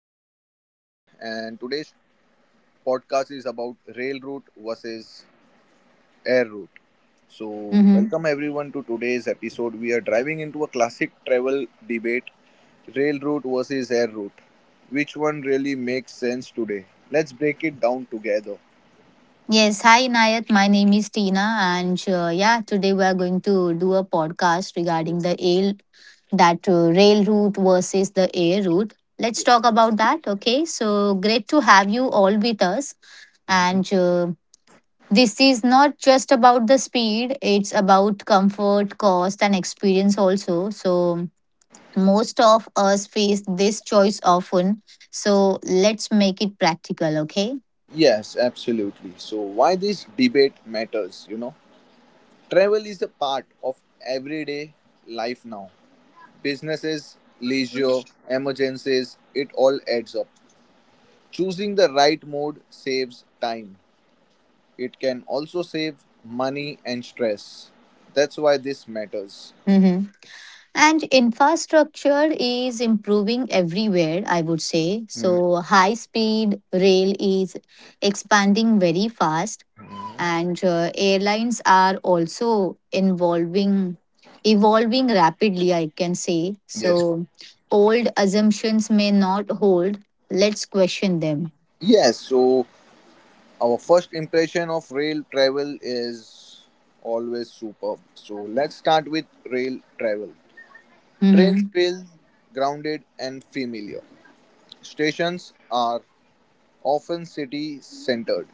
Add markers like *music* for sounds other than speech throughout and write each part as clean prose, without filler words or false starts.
today's episode and today's podcast is about rail route versus air route. So, Mm-hmm. welcome everyone to today's episode. We are driving into a classic travel debate, rail route versus air route. Which one really makes sense today? Let's break it down together. Yes, hi Nayat. My name is Tina, and today we are going to do a podcast regarding the ale that rail route versus the air route. Let's talk about that. Okay, so great to have you all with us, and this is not just about the speed; it's about comfort, cost, and experience also. So most of us face this choice often. So let's make it practical. Okay. Yes, absolutely. So, why this debate matters, you know? Travel is a part of everyday life now. Businesses, leisure, emergencies, it all adds up. Choosing the right mode saves time. It can also save money and stress. That's why this matters. Mm-hmm. And infrastructure is improving everywhere, I would say. So, high speed rail is expanding very fast, and airlines are also evolving rapidly, I can say. Yes. So, old assumptions may not hold. Let's question them. Yes, so our first impression of rail travel is always superb. So let's start with rail travel. Trains hmm feel grounded and familiar. Stations are often city centered.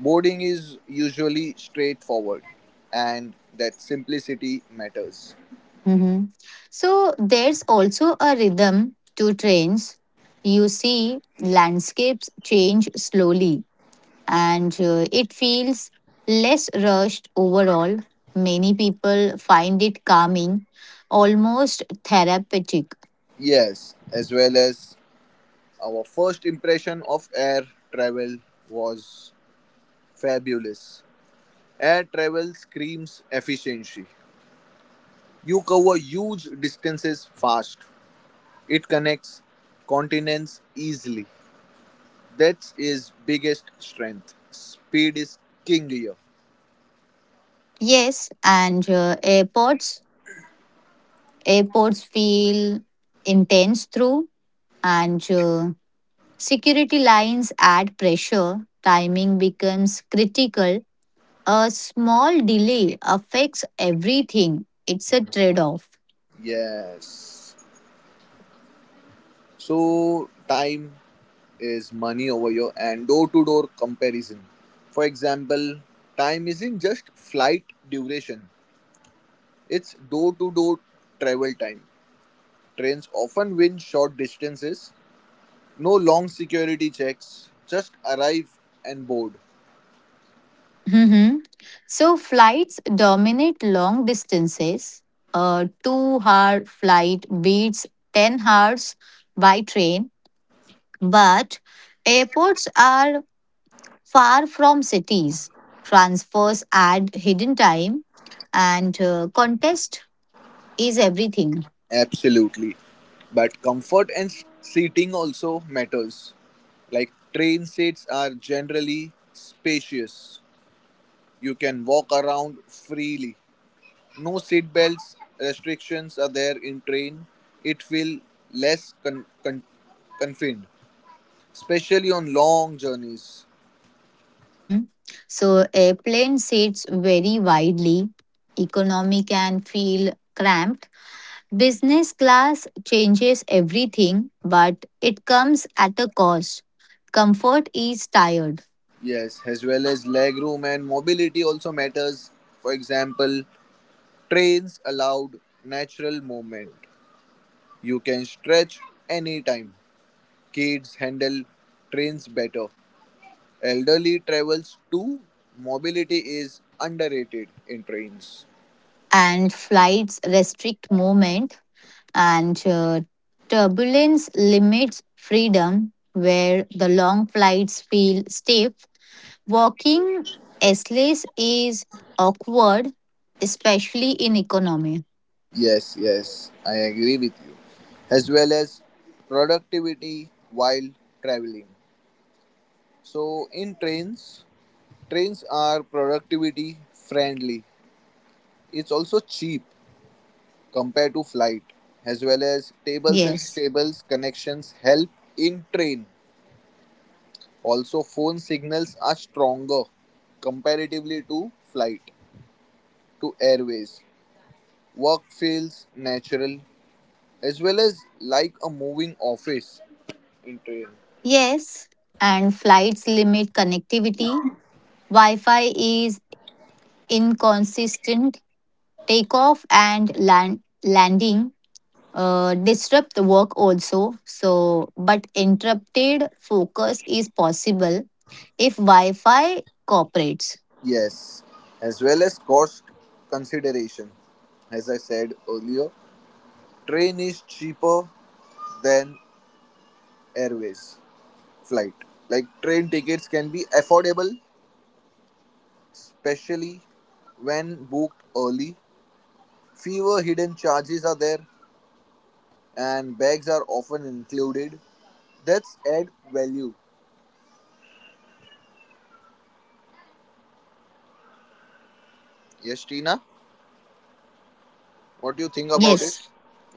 Boarding is usually straightforward, and that simplicity matters. hmm So, there's also a rhythm to trains. You see, landscapes change slowly and it feels less rushed overall. Many people find it calming, almost therapeutic. Yes, as well as our first impression of air travel was fabulous. Air travel screams efficiency. You cover huge distances fast. It connects continents easily. That's his biggest strength. Speed is king here. Yes, and airports feel intense through, and security lines add pressure. Timing becomes critical. A small delay affects everything. It's a trade off. Yes. So, time is money over here and door to door comparison. For example, time isn't just flight duration, it's door to door travel time. Trains often win short distances, no long security checks, just arrive and board. hmm So flights dominate long distances. A 2 hour flight beats 10 hours by train, but airports are far from cities. Transfers add hidden time, and contest is everything. Absolutely. But comfort and seating also matters. Like train seats are generally spacious. You can walk around freely. No seat belts restrictions are there in train. It feel less confined, especially on long journeys. hmm So airplane seats vary widely. Economy can feel cramped. Business class changes everything, but it comes at a cost. Comfort is tired, Yes, as well as leg room and mobility also matters. For example, trains allowed natural movement. You can stretch anytime. Kids handle trains better. Elderly travels too. Mobility is underrated in trains. and flights restrict movement, and turbulence limits freedom, where the long flights feel stiff. Walking aisles is awkward, especially in economy. Yes, yes, I agree with you. As well as productivity while traveling. So, in trains are productivity friendly. It's also cheap compared to flight. As well as tables and Yes. stables connections help in train. Also, phone signals are stronger comparatively to flight, to airways. Work feels natural as well as like a moving office in train. Yes. And flights limit connectivity. Wi Fi is inconsistent. Takeoff and landing disrupt the work also, so but interrupted focus is possible if wi-fi cooperates. Yes, as well as cost consideration. As I said earlier, train is cheaper than airways flight. Like train tickets can be affordable, especially when booked early. Fewer hidden charges are there, and bags are often included. That's add value. Yes, Tina, what do you think about it? Yes,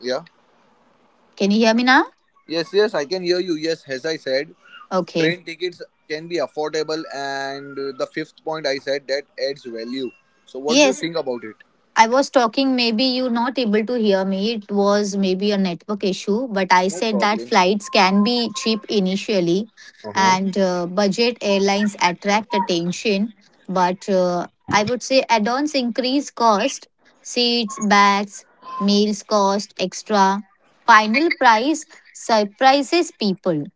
Yeah. can you hear me now? Yes, yes, I can hear you. Yes, as I said, Okay, train tickets can be affordable, and the fifth point I said that adds value. So, what do you yes, think about it? I was talking, maybe you not able to hear me. It was maybe a network issue, but I No said that problem. flights can be cheap initially and budget airlines attract attention. But I would say add ons increase cost, seats, bags, meals cost extra. Final price surprises people.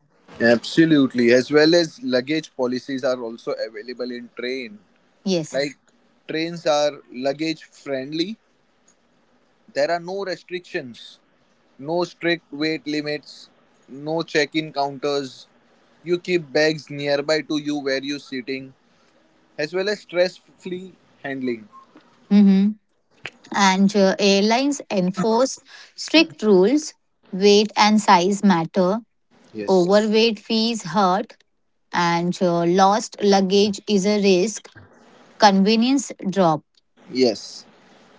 Absolutely, as well as luggage policies are also available in train. Yes. Like trains are luggage friendly. There are no restrictions, no strict weight limits, no check-in counters. You keep bags nearby to you where you're sitting, as well as stress-free handling. Mm-hmm. And airlines enforce strict rules, weight and size matter. Yes. Overweight fees hurt, and lost luggage is a risk. Convenience drop. Yes.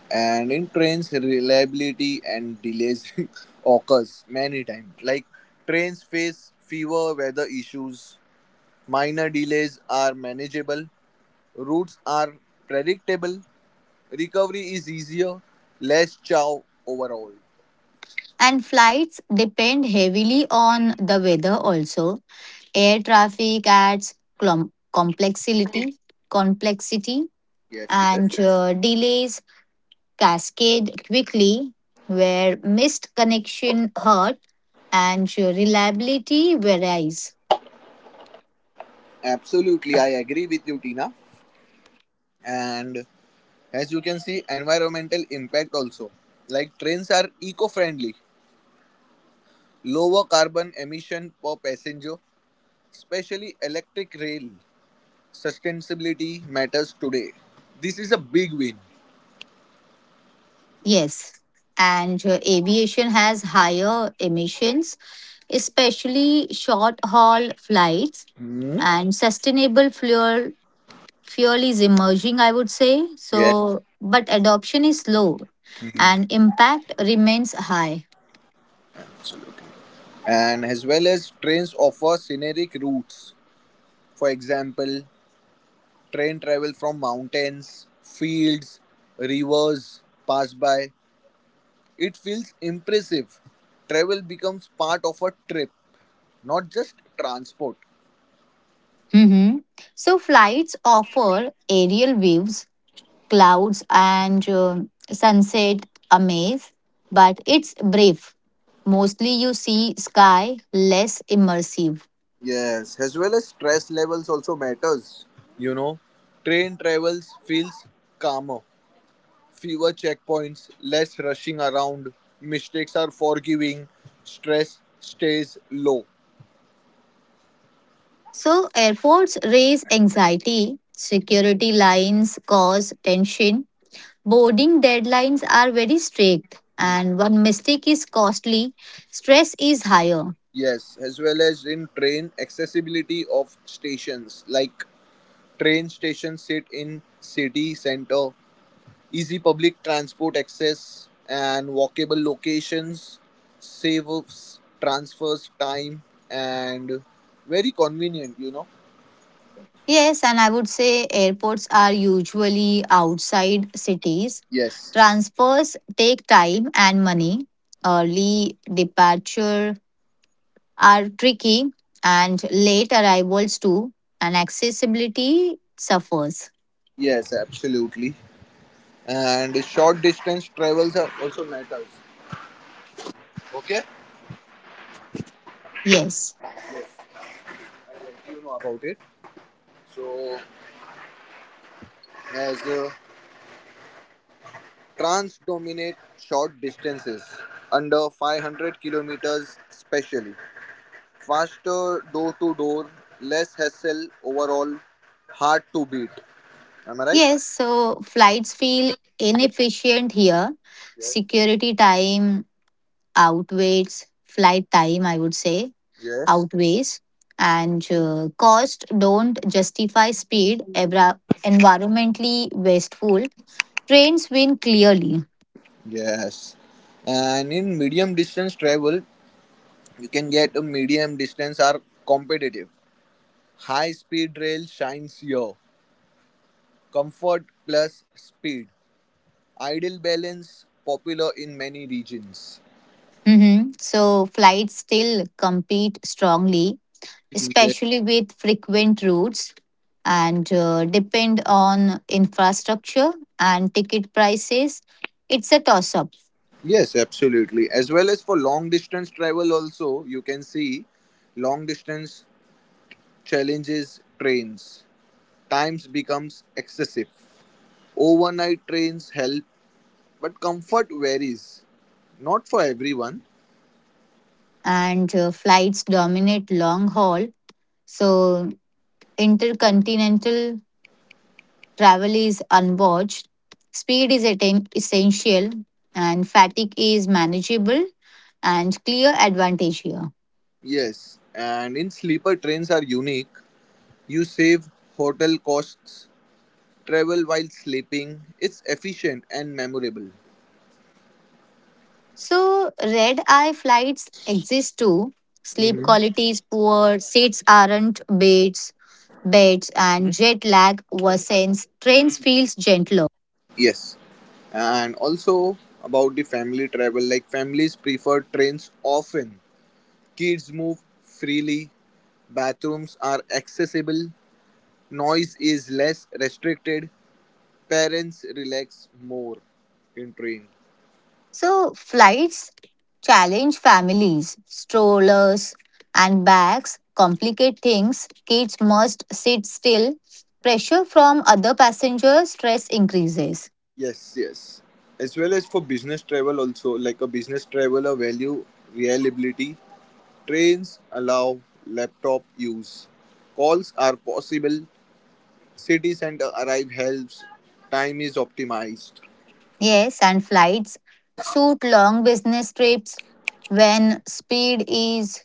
And in trains, reliability and delays *laughs* occurs many times. Like trains face fewer weather issues, minor delays are manageable, routes are predictable, recovery is easier, less chow overall. And flights depend heavily on the weather also. Air traffic adds complexity, complexity, Yes, yes. and delays cascade quickly, where missed connection hurt and reliability varies. Absolutely, I agree with you, Tina. And as you can see, environmental impact also. Like trains are eco friendly, lower carbon emission per passenger. Especially electric rail, sustainability matters today. This is a big win. Yes, and aviation has higher emissions, especially short haul flights, Hmm? and sustainable fuel is emerging, I would say. Yes. So, but adoption is slow, and impact remains high. Absolutely. And as well as trains offer scenic routes. For example, train travel from mountains, fields, rivers pass by. It feels impressive. Travel becomes part of a trip, not just transport. hmm So, flights offer aerial views, clouds, and sunset amaze, but it's brief. Mostly you see sky, less immersive. Yes, as well as stress levels also matters. You know, train travels feels calmer, fewer checkpoints, less rushing around, mistakes are forgiving, stress stays low. So, airports raise anxiety, security lines cause tension, boarding deadlines are very strict, and one mistake is costly, stress is higher. Yes, as well as in train accessibility of stations like train stations sit in city center. Easy public transport access and walkable locations saves transfers time and very convenient. Yes, and I would say airports are usually outside cities. Yes, Transfers take time and money. Early departure are tricky and late arrivals too, and accessibility suffers. yes, absolutely. And short distance travels are also matters. Okay. Yes. Yes, I let you know about it. So, as trans dominate short distances under 500 kilometers, specially. Faster door to door, less hassle overall, hard to beat. Am I right? Yes, so flights feel inefficient here. Yes. Security time outweighs flight time, I would say, Yes. outweighs. And cost don't justify speed, environmentally wasteful. Trains win clearly. Yes. And in medium distance travel, you can get a medium distance are competitive. High speed rail shines here. Comfort plus speed. Ideal balance popular in many regions. So flights still compete strongly, Yes. especially with frequent routes, and depend on infrastructure and ticket prices. It's a toss up, Yes, absolutely. As well as for long distance travel, also you can see long distance challenges trains. Times becomes excessive. Overnight trains help, but comfort varies. Not for everyone. and flights dominate long haul, so intercontinental travel is unwatched. Speed is essential, and fatigue is manageable, and clear advantage here. Yes, and in sleeper trains are unique. You save hotel costs, travel while sleeping. It's efficient and memorable. So, red eye flights exist too. Sleep Hmm. quality is poor, seats aren't big, beds, and jet lag worsens, trains feels gentler. Yes, and also about the family travel like families prefer trains often, kids move freely, bathrooms are accessible, noise is less restricted. Parents relax more in train. So flights challenge families, strollers, and bags, complicate things, kids must sit still, pressure from other passengers, stress increases. Yes, yes. As well as for business travel, also like a business traveler value reliability. Trains allow laptop use. Calls are possible. City center arrive helps. Time is optimized. Yes, and flights suit long business trips when speed is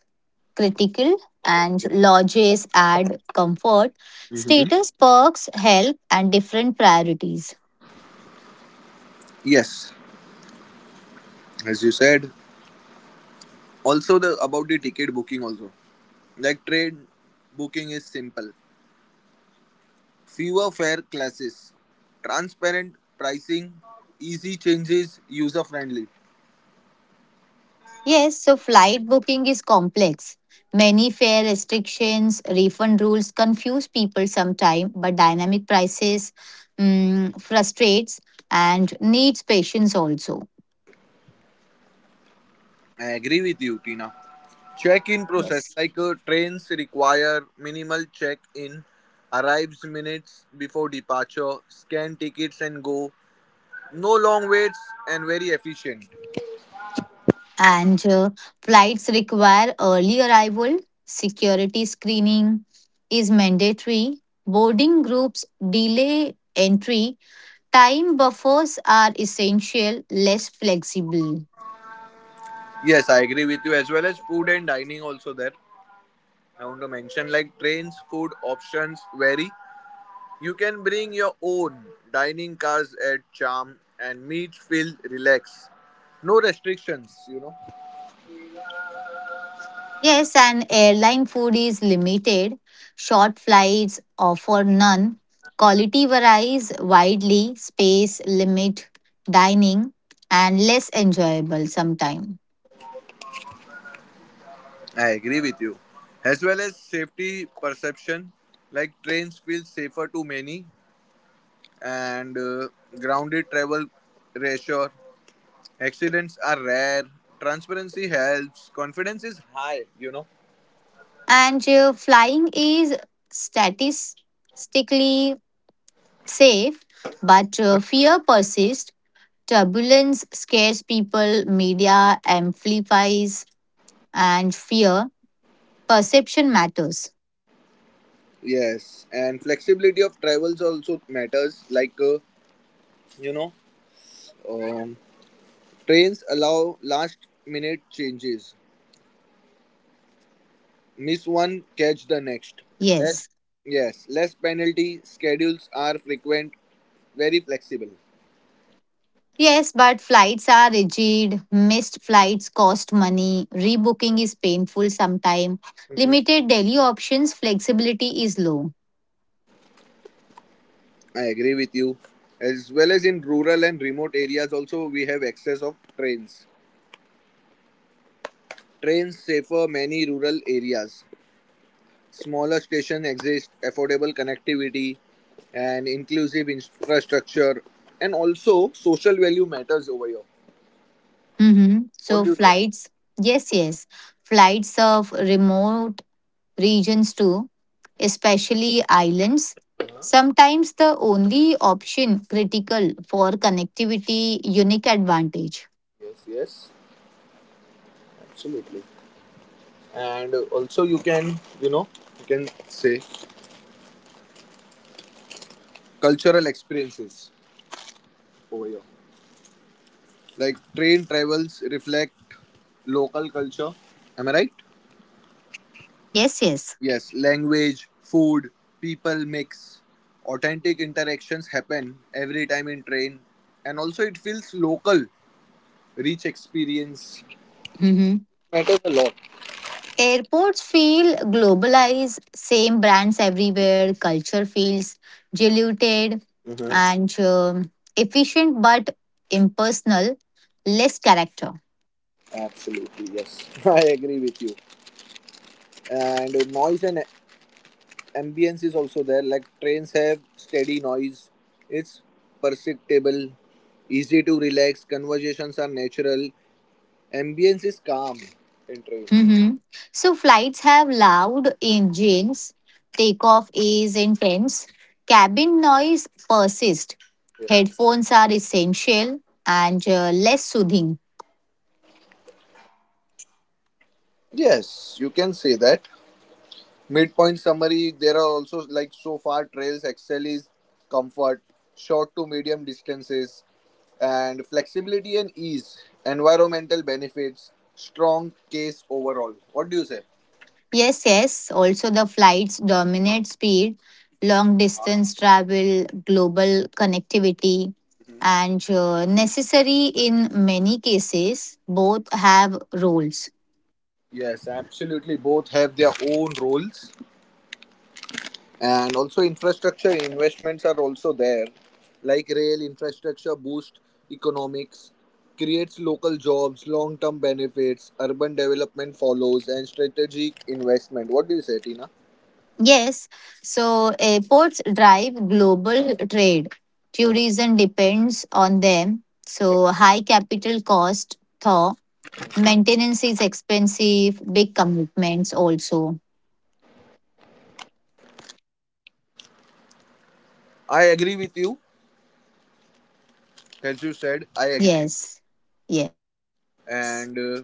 critical and lodges add comfort, Hmm. status perks help, and different priorities. Yes, as you said. Also the about the ticket booking also. Like train booking is simple. Fewer fare classes, transparent pricing, easy changes, user friendly. Yes, so flight booking is complex. Many fare restrictions, refund rules confuse people sometimes, but dynamic prices frustrates and needs patience also. I agree with you, Tina. Check-in process Yes. like trains require minimal check-in, arrives minutes before departure, scan tickets and go. No long waits and very efficient. And flights require early arrival, security screening is mandatory, boarding groups delay entry, time buffers are essential, less flexible. Yes, I agree with you as well as food and dining also there. I want to mention like trains food options vary. You can bring your own dining cars at Charm and meet, feel, relax. No restrictions. Yes, and airline food is limited. Short flights offer none. Quality varies widely, space limit, dining, and less enjoyable sometimes. I agree with you. As well as safety perception, like trains feel safer to many and grounded travel reassure. Accidents are rare. Transparency helps. Confidence is high. And flying is statistically safe, but Huh? uh, fear persists. Turbulence scares people, media amplifies, and fear perception matters. Yes, and flexibility of travels also matters. Like, you know, um, Trains allow last-minute changes. Miss one, catch the next. Less, Yes. yes, less penalty. Schedules are frequent, very flexible. Yes, but flights are rigid. Missed flights cost money. Rebooking is painful sometimes. Mhm. Limited daily options, flexibility is low. I agree with you. As well as in rural and remote areas, also we have access of trains. Trains safer many rural areas. Smaller station exist, affordable connectivity, and inclusive infrastructure, and also social value matters over here. Mhm. What So, do you say? flights, yes, yes. Flights serve remote regions too, especially islands. Sometimes the only option critical for connectivity, unique advantage. Yes, yes, absolutely. And also you can say cultural experiences over here, like train travels reflect local culture, am I right? Yes, yes. Yes, language, food, people mix. Authentic interactions happen every time in train, and also it feels local. Rich experience Mm-hmm. matters a lot. Airports feel globalized, same brands everywhere, culture feels diluted Mhm. and efficient but impersonal, less character. Absolutely. Yes. *laughs* I agree with you. And noise and ambience is also there, like trains have steady noise, it's perceptible, easy to relax, conversations are natural, ambience is calm in train. Mhm. So, flights have loud engines, takeoff is intense, cabin noise persists, headphones are essential and less soothing. Yes, you can say that. Midpoint summary, there are also, like, so far trails excel is comfort, short to medium distances, and flexibility and ease. Environmental benefits, strong case overall. What do you say? Yes, yes. Also, the flights dominate speed, long distance travel, global connectivity, and necessary in many cases, both have roles. Yes, absolutely. Both have their own roles. And also infrastructure investments are also there, like rail infrastructure boost economics, creates local jobs, long term benefits, urban development follows, and strategic investment. What do you say, Tina? Yes, so airports drive global trade. Uh-huh. Tourism depends on them. So, high capital cost, thaw, maintenance is expensive, big commitments also. I agree with you, as you said, I agree. Yes, yes, And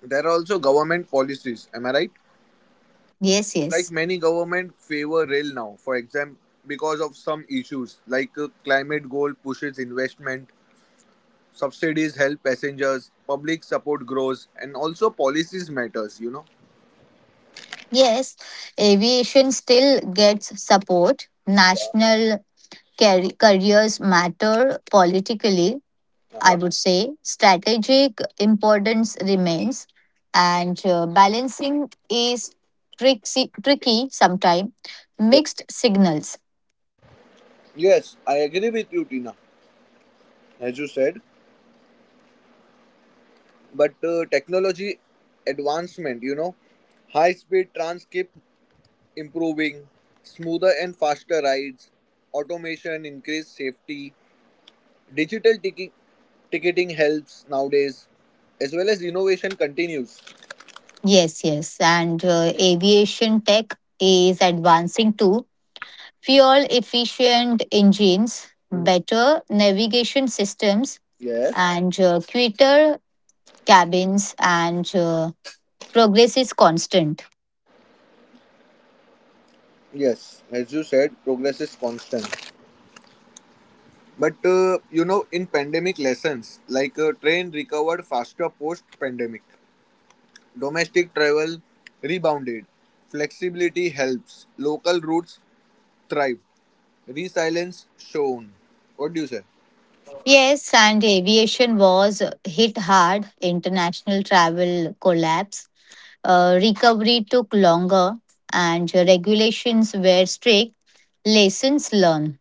there are also government policies, am I right? Yes. Like many government favor rail now, for example, because of some issues like climate goal pushes investment. Subsidies help passengers, public support grows, and also policies matters. You know. Yes, aviation still gets support. National careers matter politically, I Uh-huh. would say. Strategic importance remains, and balancing is tricky sometimes. Yeah. Mixed signals. Yes, I agree with you, Tina, as you said. But technology advancement, high-speed trans keep improving, smoother and faster rides, automation increase safety, digital ticketing helps nowadays, as well as innovation continues. Yes, and aviation tech is advancing too. Fuel efficient engines, Mhm. better navigation systems, Yes. and quicker cabins, and progress is constant. Yes, as you said, progress is constant. But in pandemic lessons, like train recovered faster post pandemic, domestic travel rebounded, flexibility helps, local routes thrive, resilience shown. What do you say? Yes, and aviation was hit hard. International travel collapsed. Recovery took longer, and regulations were strict. Lessons learned.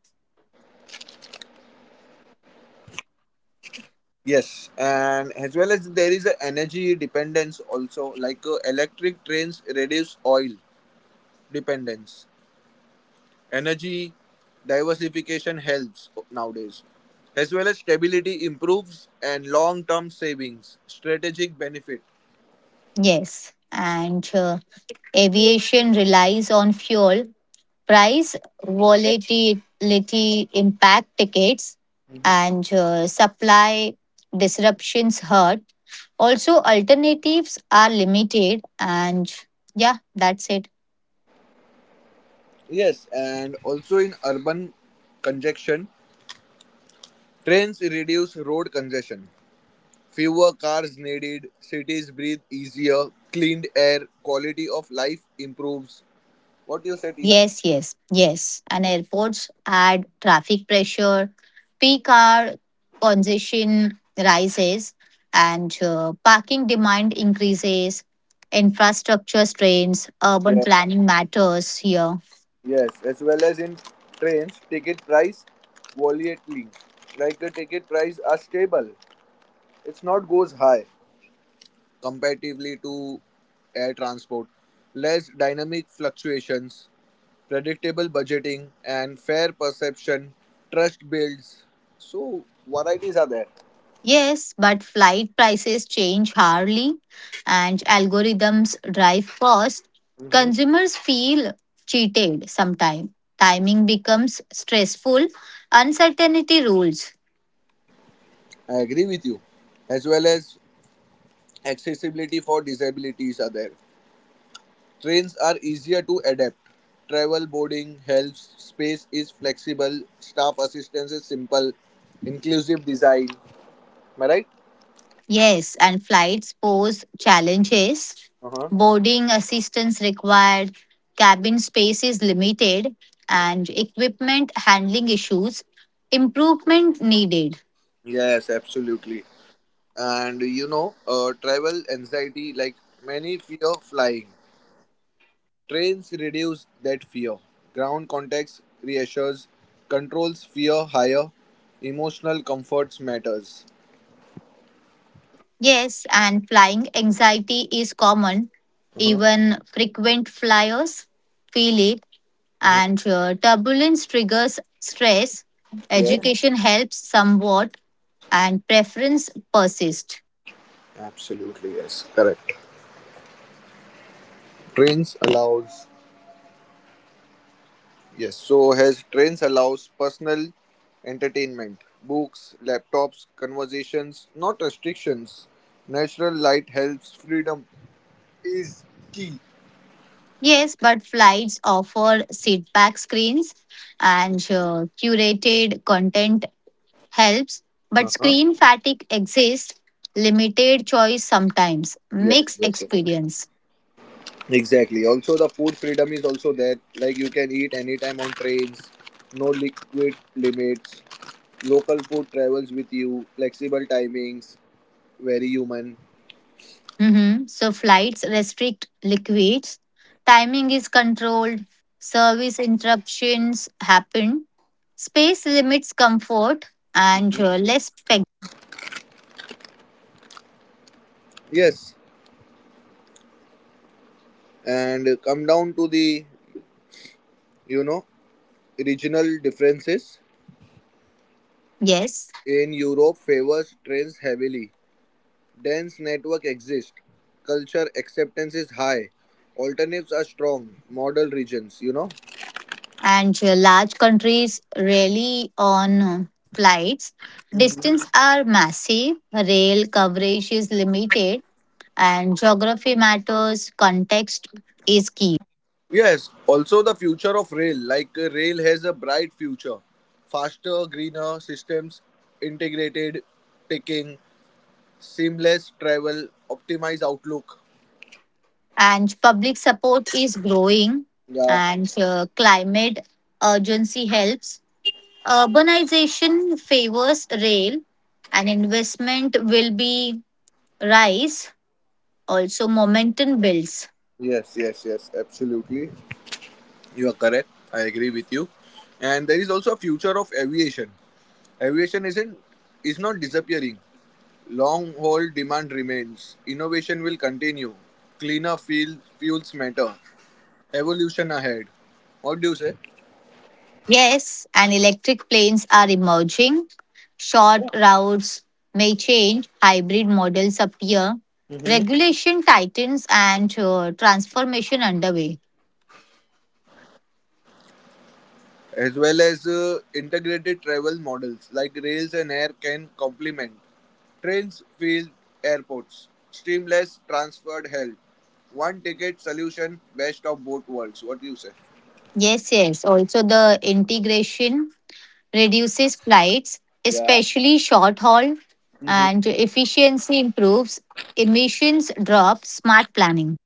Yes, and as well as there is a energy dependence also, like electric trains reduce oil dependence. Energy diversification helps nowadays, as well as stability improves and long term savings, strategic benefit. Yes, and aviation relies on fuel price volatility impact tickets and supply disruptions hurt also, alternatives are limited, and yeah, that's it. Yes, and also in urban congestion, trains reduce road congestion. Fewer cars needed, cities breathe easier, cleaned air, quality of life improves. What you said, Ina? yes yes yes, and airports add traffic pressure, peak hour congestion rises, and parking demand increases, infrastructure strains, urban Yeah. planning matters here. Yes, as well as in trains, ticket price volatile, like the ticket price are stable. It's not goes high comparatively to air transport. Less dynamic fluctuations, predictable budgeting, and fair perception, trust builds. So, varieties are there. Yes, but flight prices change hourly and algorithms drive cost. Consumers feel cheated sometimes. Timing becomes stressful. Uncertainty rules. I agree with you. As well as accessibility for disabilities are there. Trains are easier to adapt. Travel boarding helps. Space is flexible. Staff assistance is simple. Inclusive design. Am I right? Yes, and flights pose challenges. Uh huh. Boarding assistance required, cabin space is limited, and equipment handling issues. Improvement needed. Yes, absolutely. And travel anxiety, like many fear flying, trains reduce that fear, ground contacts reassures, controls fear higher, emotional comforts matters. Yes, and flying anxiety is common. Uh-huh. Even frequent flyers feel it, Mhm. and turbulence triggers stress. Yes, Education helps somewhat, and preference persists. absolutely. Yes, correct. Trains allows, yes, so has trains allows personal entertainment, books, laptops, conversations, not restrictions, natural light helps, freedom is key. Yes, but flights offer seat back screens and curated content helps. But Uh-huh. screen fatigue exists, limited choice sometimes, Yes, mixed yes, yes. experience. Exactly. Also, the food freedom is also there. Like you can eat anytime on trains, no liquid limits, local food travels with you, flexible timings, very human. Mhm. So flights restrict liquids, timing is controlled, service interruptions happen, space limits comfort, and less flexibility. Yes, and come down to the you know regional differences. Yes, In Europe, favors trains heavily. Dense network exists. Culture acceptance is high. Alternatives are strong. Model regions. and large countries rely on flights. Distance are massive, rail coverage is limited, and geography matters. Context is key. Yes, also the future of rail. Like rail has a bright future. Faster, greener systems, integrated taking, seamless travel, optimized outlook. And public support is growing Yeah. and climate urgency helps, urbanization favors rail, and investment will be rise, also momentum builds. Yes, yes, yes, absolutely. You are correct. I agree with you. And there is also a future of aviation. Aviation isn't is not disappearing. Long haul demand remains. Innovation will continue. Cleaner fuel, fuels matter. Evolution ahead. What do you say? Yes, and electric planes are emerging, short routes may change, hybrid models appear, regulation tightens, and transformation underway. As well as integrated travel models like rails and air can complement trains, field, airports. Streamless transferred help. One ticket solution, best of both worlds. What do you say? Yes, yes, also the integration reduces flights, Yeah. especially short haul, Hmm. and efficiency improves, emissions drop, smart planning.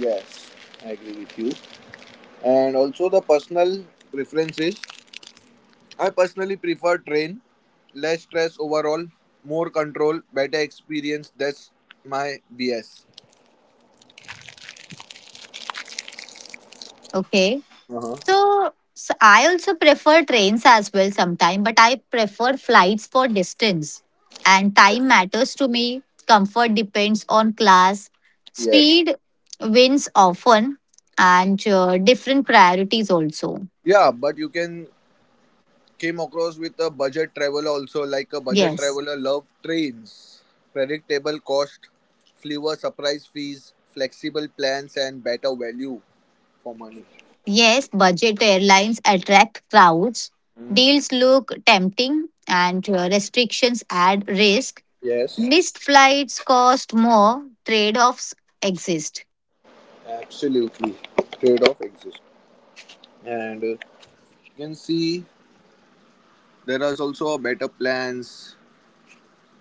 Yes. I agree with you. And also the personal preferences. I personally prefer train. Less stress overall, more control, better experience. That's my BS. Okay. Uh-huh. So, I also prefer trains as well sometimes, but I prefer flights for distance. And time Yes. matters to me. Comfort depends on class. Yes. Speed wins often, and different priorities also. Yeah, but you can Came across with a budget traveler also, like a budget Yes. traveler love trains, predictable cost, fewer surprise fees, flexible plans, and better value for money. Yes, budget airlines attract crowds, deals look tempting, and restrictions add risk. Yes, Missed flights cost more, trade offs exist. absolutely. Trade off exists, and you can see there is also a better plans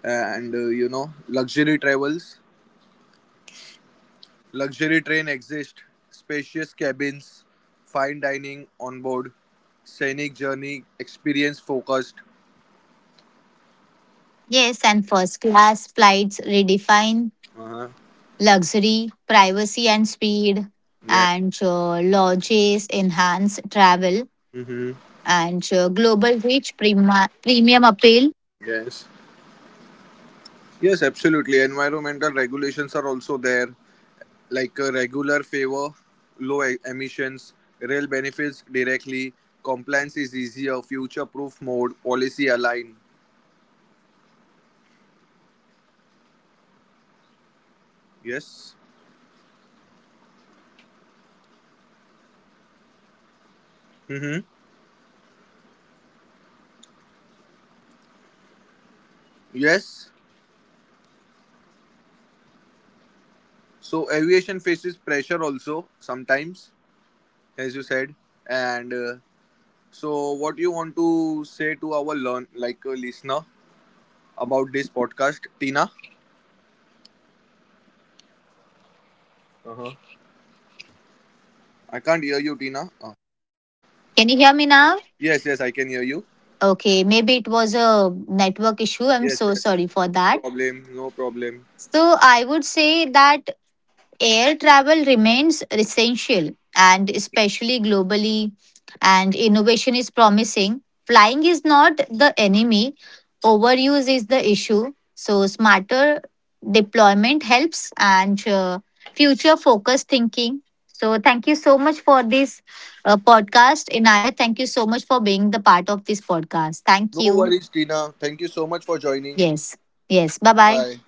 and luxury travels. Luxury train exist, spacious cabins, fine dining on board, scenic journey experience focused. Yes, and first class flights redefine Uh huh. luxury, privacy, and speed, Yes. and lodges enhance travel Yeah. Hmm. and global reach premium appeal. Yes. Yes, absolutely. Environmental regulations are also there, like regular favor, low emissions, rail benefits directly, compliance is easier, future proof mode, policy align. Yes. Hmm. Yes. So aviation faces pressure also sometimes, as you said. And so, what you want to say to our learn like a listener about this podcast, Tina? Uh-huh. I can't hear you, Tina. Can you hear me now? Yes, yes, I can hear you. Okay, maybe it was a network issue. I'm Yes, so yes, sorry yes. for No that. problem, no problem. So I would say that air travel remains essential and especially globally and innovation is promising. Flying is not the enemy, overuse is the issue. So smarter deployment helps and future focused thinking. So thank you so much for this podcast, Inaya. Thank you so much for being the part of this podcast. Thank No you. worries, Tina. Thank you so much for joining. Yes. Yes. Bye bye. Bye.